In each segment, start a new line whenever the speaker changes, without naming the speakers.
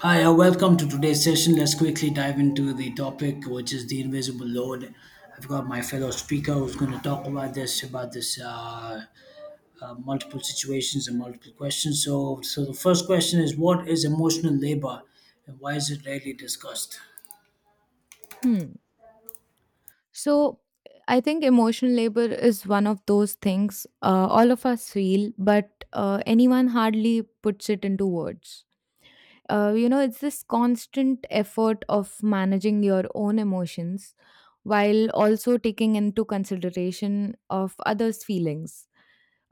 Hi, welcome to today's session. Let's quickly dive into the topic, which is the invisible load. I've got my fellow speaker who's going to talk about this, about this multiple situations and multiple questions. So the first question is, what is emotional labor, and why is it rarely discussed?
Hmm. So I think emotional labor is one of those things all of us feel, but anyone hardly puts it into words. It's this constant effort of managing your own emotions while also taking into consideration of others' feelings.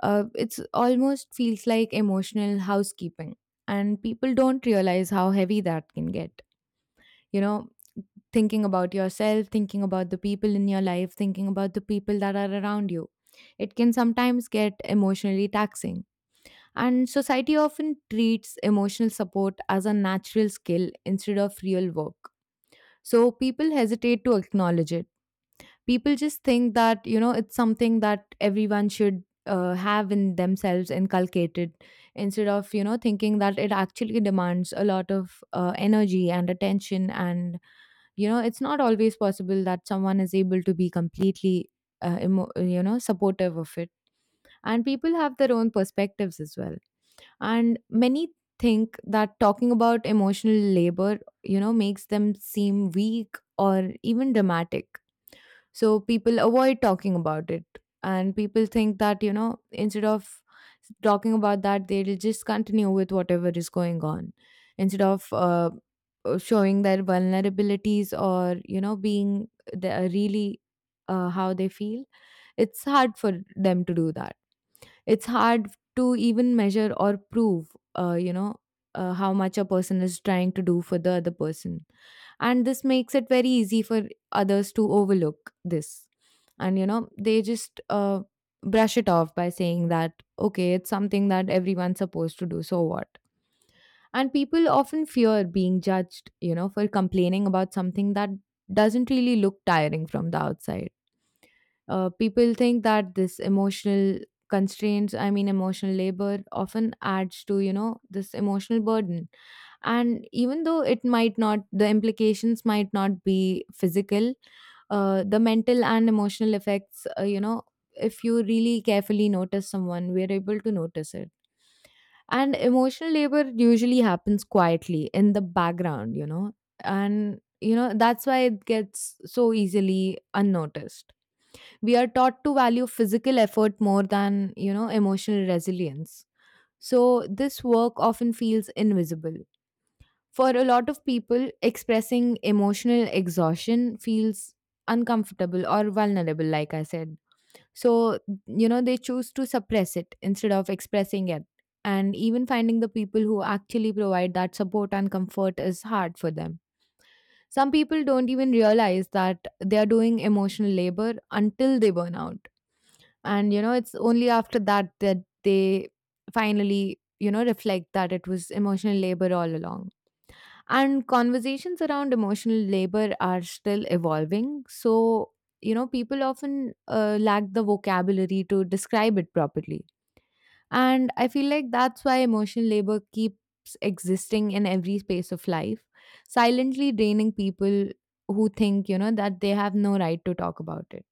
It's almost feels like emotional housekeeping, and people don't realize how heavy that can get you know thinking about yourself, thinking about the people in your life, thinking about the people that are around you. It can sometimes get emotionally taxing, and society often treats emotional support as a natural skill instead of real work, so people hesitate to acknowledge it. People just think that, you know, it's something that everyone should have in themselves inculcated, instead of, you know, thinking that it actually demands a lot of energy and attention. And you know, it's not always possible that someone is able to be completely, supportive of it. And people have their own perspectives as well. And many think that talking about emotional labor, you know, makes them seem weak or even dramatic. So people avoid talking about it. And people think that, you know, instead of talking about that, they'll just continue with whatever is going on instead of showing their vulnerabilities or, you know, being the, really how they feel. It's hard for them to do that. It's hard to even measure or prove, uh, you know, how much a person is trying to do for the other person. And this makes it very easy for others to overlook this. And, you know, they just brush it off by saying that, okay, it's something that everyone's supposed to do, so what? And people often fear being judged, you know, for complaining about something that doesn't really look tiring from the outside. People think that this emotional constraints, I mean, emotional labor often adds to, you know, this emotional burden. And even though it might not, the implications might not be physical, the mental and emotional effects, if you really carefully notice someone, we're able to notice it. And emotional labor usually happens quietly in the background, you know, and you know that's why it gets so easily unnoticed. We are taught to value physical effort more than, you know, emotional resilience, so this work often feels invisible. For a lot of people, expressing emotional exhaustion feels uncomfortable or vulnerable, like I said. So you know, they choose to suppress it instead of expressing it, and even finding the people who actually provide that support and comfort is hard for them. Some people don't even realize that they are doing emotional labor until they burn out. And you know, it's only after that that they finally, you know, reflect that it was emotional labor all along. And conversations around emotional labor are still evolving, so you know, people often lack the vocabulary to describe it properly. And I feel like that's why emotional labor keeps existing in every space of life, silently draining people who think, you know, that they have no right to talk about it.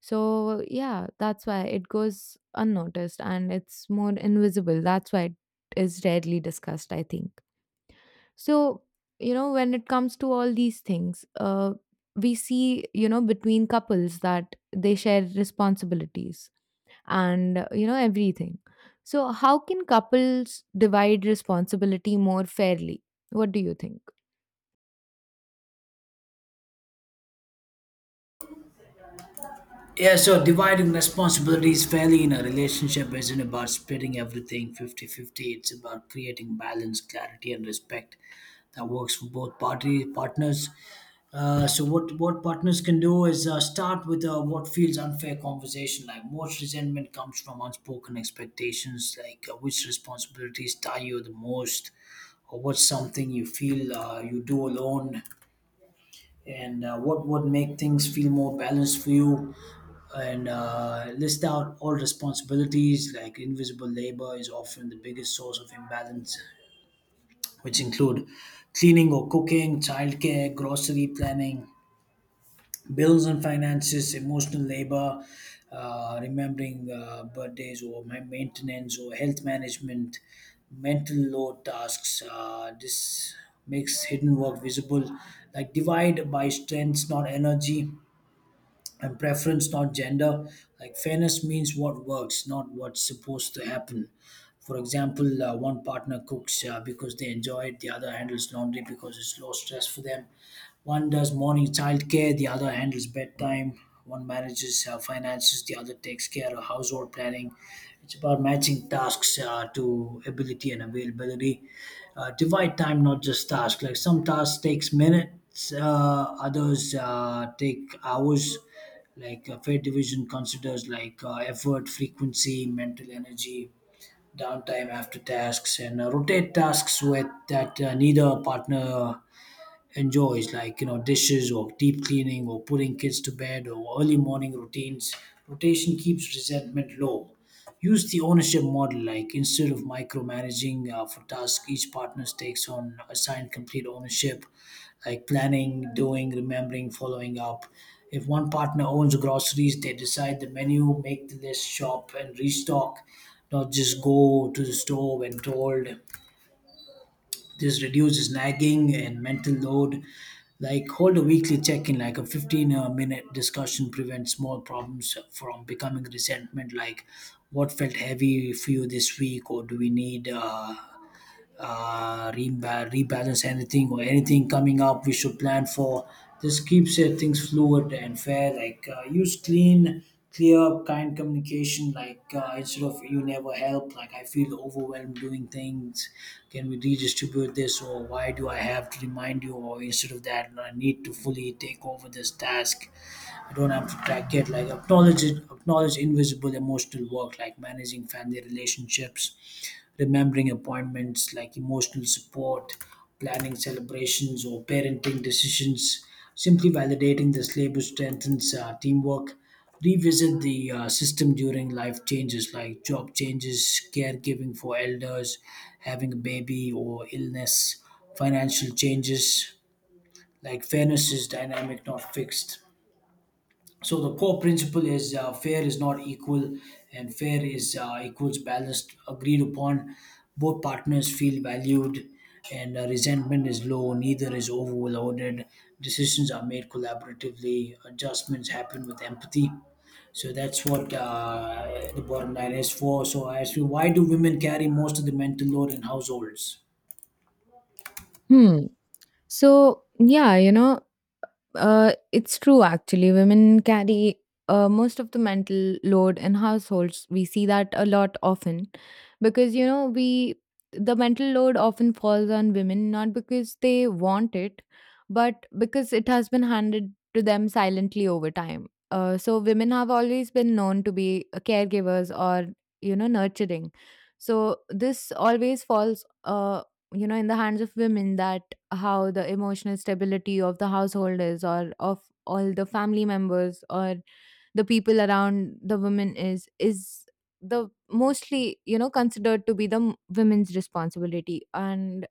So yeah, that's why it goes unnoticed and it's more invisible. That's why it is rarely discussed, I think. So, you know, when it comes to all these things, we see, you know, between couples that they share responsibilities and, you know, everything. So, how can couples divide responsibility more fairly? What do you think?
Yeah, so dividing responsibilities fairly in a relationship isn't about splitting everything 50-50. It's about creating balance, clarity, and respect that works for both party partners. So what partners can do is start with what feels unfair conversation, like most resentment comes from unspoken expectations, like which responsibilities tie you the most, or what's something you feel you do alone, and what would make things feel more balanced for you, and list out all responsibilities. Like invisible labor is often the biggest source of imbalance, which include cleaning or cooking, childcare, grocery planning, bills and finances, emotional labor, remembering birthdays, or maintenance or health management, mental load tasks. This makes hidden work visible. Like divide by strengths, not energy, and preference, not gender. Like fairness means what works, not what's supposed to happen. For example, one partner cooks because they enjoy it, the other handles laundry because it's low stress for them. One does morning childcare, the other handles bedtime. One manages finances, the other takes care of household planning. It's about matching tasks to ability and availability. Divide time, not just tasks. Like some tasks takes minutes, others take hours, like a fair division considers like effort, frequency, mental energy, downtime after tasks, and rotate tasks with that neither partner enjoys, like you know, dishes or deep cleaning or putting kids to bed or early morning routines. Rotation keeps resentment low. Use the ownership model, like instead of micromanaging for tasks, each partner takes on assigned complete ownership, like planning, doing, remembering, following up. If one partner owns groceries, they decide the menu, make the list, shop, and restock, not just go to the store when told. This reduces nagging and mental load. Like hold a weekly check-in, like a 15 minute discussion prevents small problems from becoming resentment. Like what felt heavy for you this week, or do we need? Rebalance anything, or anything coming up we should plan for? This keeps things fluid and fair. Like use clean, clear, kind communication. Like instead of you never help. Like I feel overwhelmed doing things. Can we redistribute this, or why do I have to remind you? Or instead of that, I need to fully take over this task. I don't have to track it. Like acknowledge invisible emotional work like managing family relationships, remembering appointments, like emotional support, planning celebrations or parenting decisions. Simply validating this labor strengthens teamwork. Revisit the system during life changes, like job changes, caregiving for elders, having a baby or illness, financial changes. Like fairness is dynamic, not fixed. So the core principle is, fair is not equal, and fair is equals balanced, agreed upon, both partners feel valued, and resentment is low, neither is overloaded, decisions are made collaboratively, adjustments happen with empathy. So that's what the bottom line is for. So I ask you, why do women carry most of the mental load in households?
Hmm. So yeah, you know, it's true actually. Women carry most of the mental load in households. We see that a lot often because you know we the mental load often falls on women, not because they want it, but because it has been handed to them silently over time. So women have always been known to be caregivers or, you know, nurturing. So this always falls you know in the hands of women, that how the emotional stability of the household is, or of all the family members, or the people around the women is the mostly, you know, considered to be the women's responsibility. And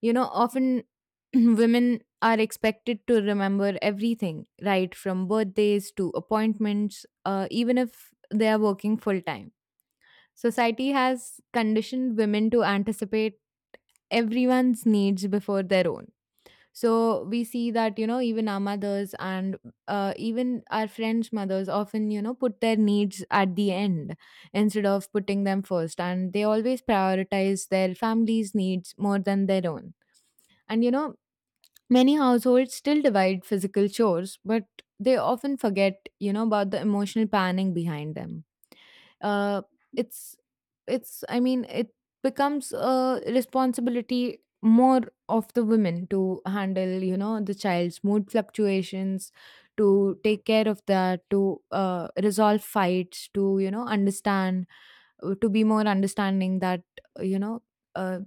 you know often women are expected to remember everything right from birthdays to appointments, even if they are working full time. Society has conditioned women to anticipate everyone's needs before their own. So we see that, you know, even our mothers and even our friends' mothers often, you know, put their needs at the end instead of putting them first. And they always prioritize their family's needs more than their own. And, you know, many households still divide physical chores, but they often forget, you know, about the emotional planning behind them. Uh, it's it's i mean it becomes a responsibility more of the women to handle, you know, the child's mood fluctuations, to take care of that, to resolve fights, to, you know, understand, to be more understanding that, uh, you know uh,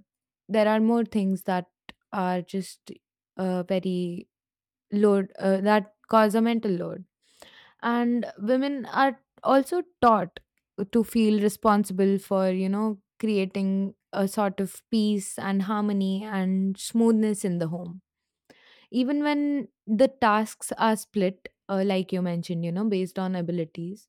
there are more things that are just very load that cause a mental load. And women are also taught to feel responsible for, you know, creating a sort of peace and harmony and smoothness in the home. Even when the tasks are split, like you mentioned, you know, based on abilities,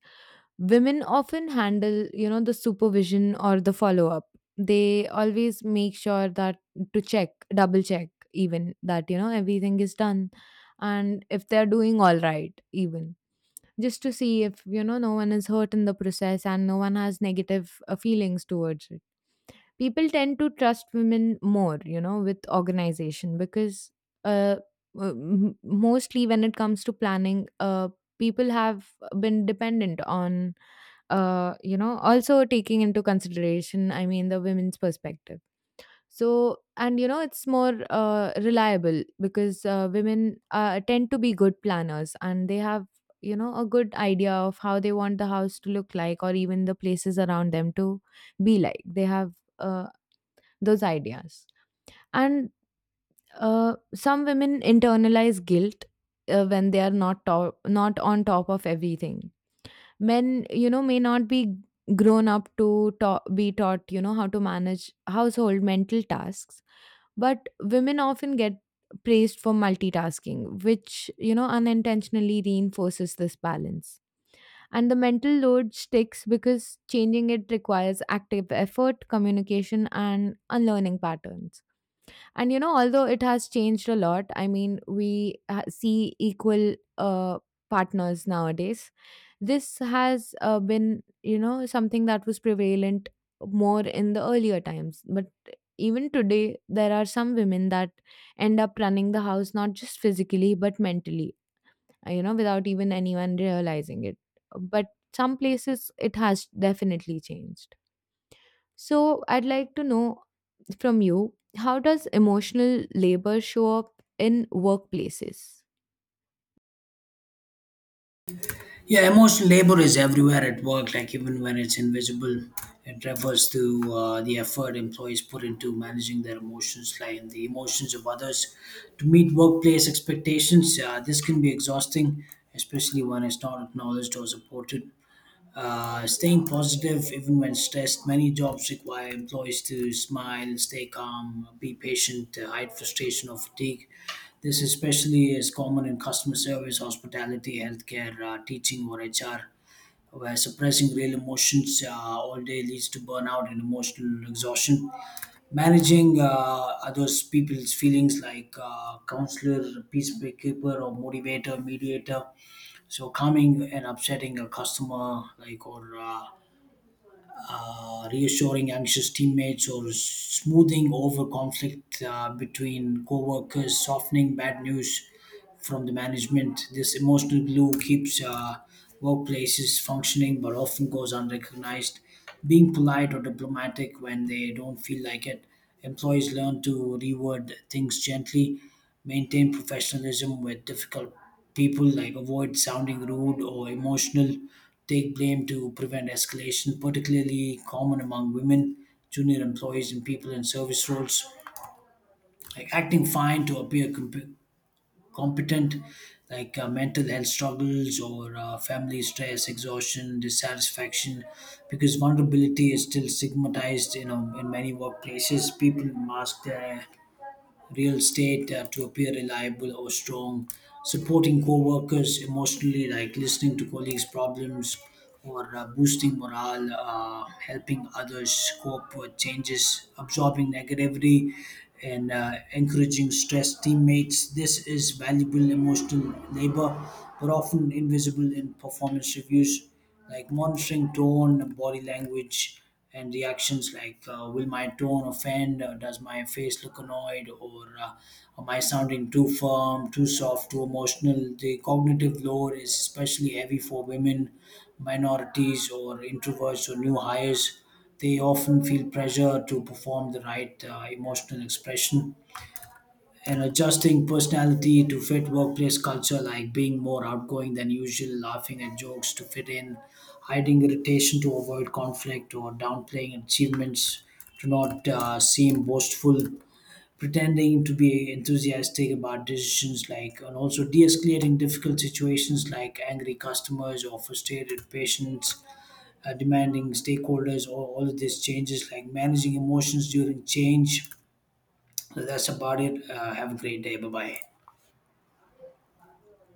women often handle, you know, the supervision or the follow up. They always make sure that to check, double check, even, that you know everything is done and if they're doing all right, even just to see if, you know, no one is hurt in the process and no one has negative feelings towards it. People tend to trust women more, you know, with organization, because uh, mostly when it comes to planning, people have been dependent on, you know, also taking into consideration, I mean, the women's perspective. So and you know it's more reliable because women tend to be good planners, and they have, you know, a good idea of how they want the house to look like, or even the places around them to be like. They have, uh, those ideas. And some women internalize guilt when they are not on top of everything. Men, you know, may not be grown up to be taught, you know, how to manage household mental tasks, but women often get praised for multitasking, which, you know, unintentionally reinforces this balance. And the mental load sticks because changing it requires active effort, communication, and unlearning patterns. And you know, although it has changed a lot, I mean, we see equal partners nowadays. This has been, you know, something that was prevalent more in the earlier times. But even today, there are some women that end up running the house not just physically but mentally, you know, without even anyone realizing it. But some places it has definitely changed. So I'd like to know from you, how does emotional labor show up in workplaces?
Yeah, emotional labor is everywhere at work, like even when it's invisible. It refers to the effort employees put into managing their emotions, like and the emotions of others, to meet workplace expectations. This can be exhausting, especially when it's not acknowledged or supported. Staying positive even when stressed. Many jobs require employees to smile, stay calm, be patient, hide frustration or fatigue. This especially is common in customer service, hospitality, healthcare, teaching, or HR, where suppressing real emotions all day leads to burnout and emotional exhaustion. Managing others people's feelings, like counselor, peacemaker, or motivator, mediator. So calming and upsetting a customer, or reassuring anxious teammates, or smoothing over conflict between co-workers, softening bad news from the management. This emotional glue keeps workplaces functioning, but often goes unrecognized. Being polite or diplomatic when they don't feel like it, employees learn to reword things gently, maintain professionalism with difficult people, like avoid sounding rude or emotional, take blame to prevent escalation, particularly common among women, junior employees, and people in service roles. Like acting fine to appear competent, like mental health struggles, or family stress, exhaustion, dissatisfaction, because vulnerability is still stigmatized. You know, in many workplaces, people mask their real estate to appear reliable or strong, supporting co-workers emotionally, like listening to colleagues' problems, or boosting morale, helping others cope with changes, absorbing negativity, and encouraging stressed teammates. This is valuable emotional labor, but often invisible in performance reviews, like monitoring tone, body language, and reactions, like will my tone offend, does my face look annoyed, or am I sounding too firm, too soft, too emotional? The cognitive load is especially heavy for women, minorities, or introverts or new hires. They often feel pressure to perform the right emotional expression, and adjusting personality to fit workplace culture, like being more outgoing than usual, laughing at jokes to fit in, hiding irritation to avoid conflict, or downplaying achievements to not seem boastful, pretending to be enthusiastic about decisions, like and also de escalating difficult situations like angry customers or frustrated patients. Demanding stakeholders, or all of these changes, like managing emotions during change. So that's about it. Have a great day. Bye bye.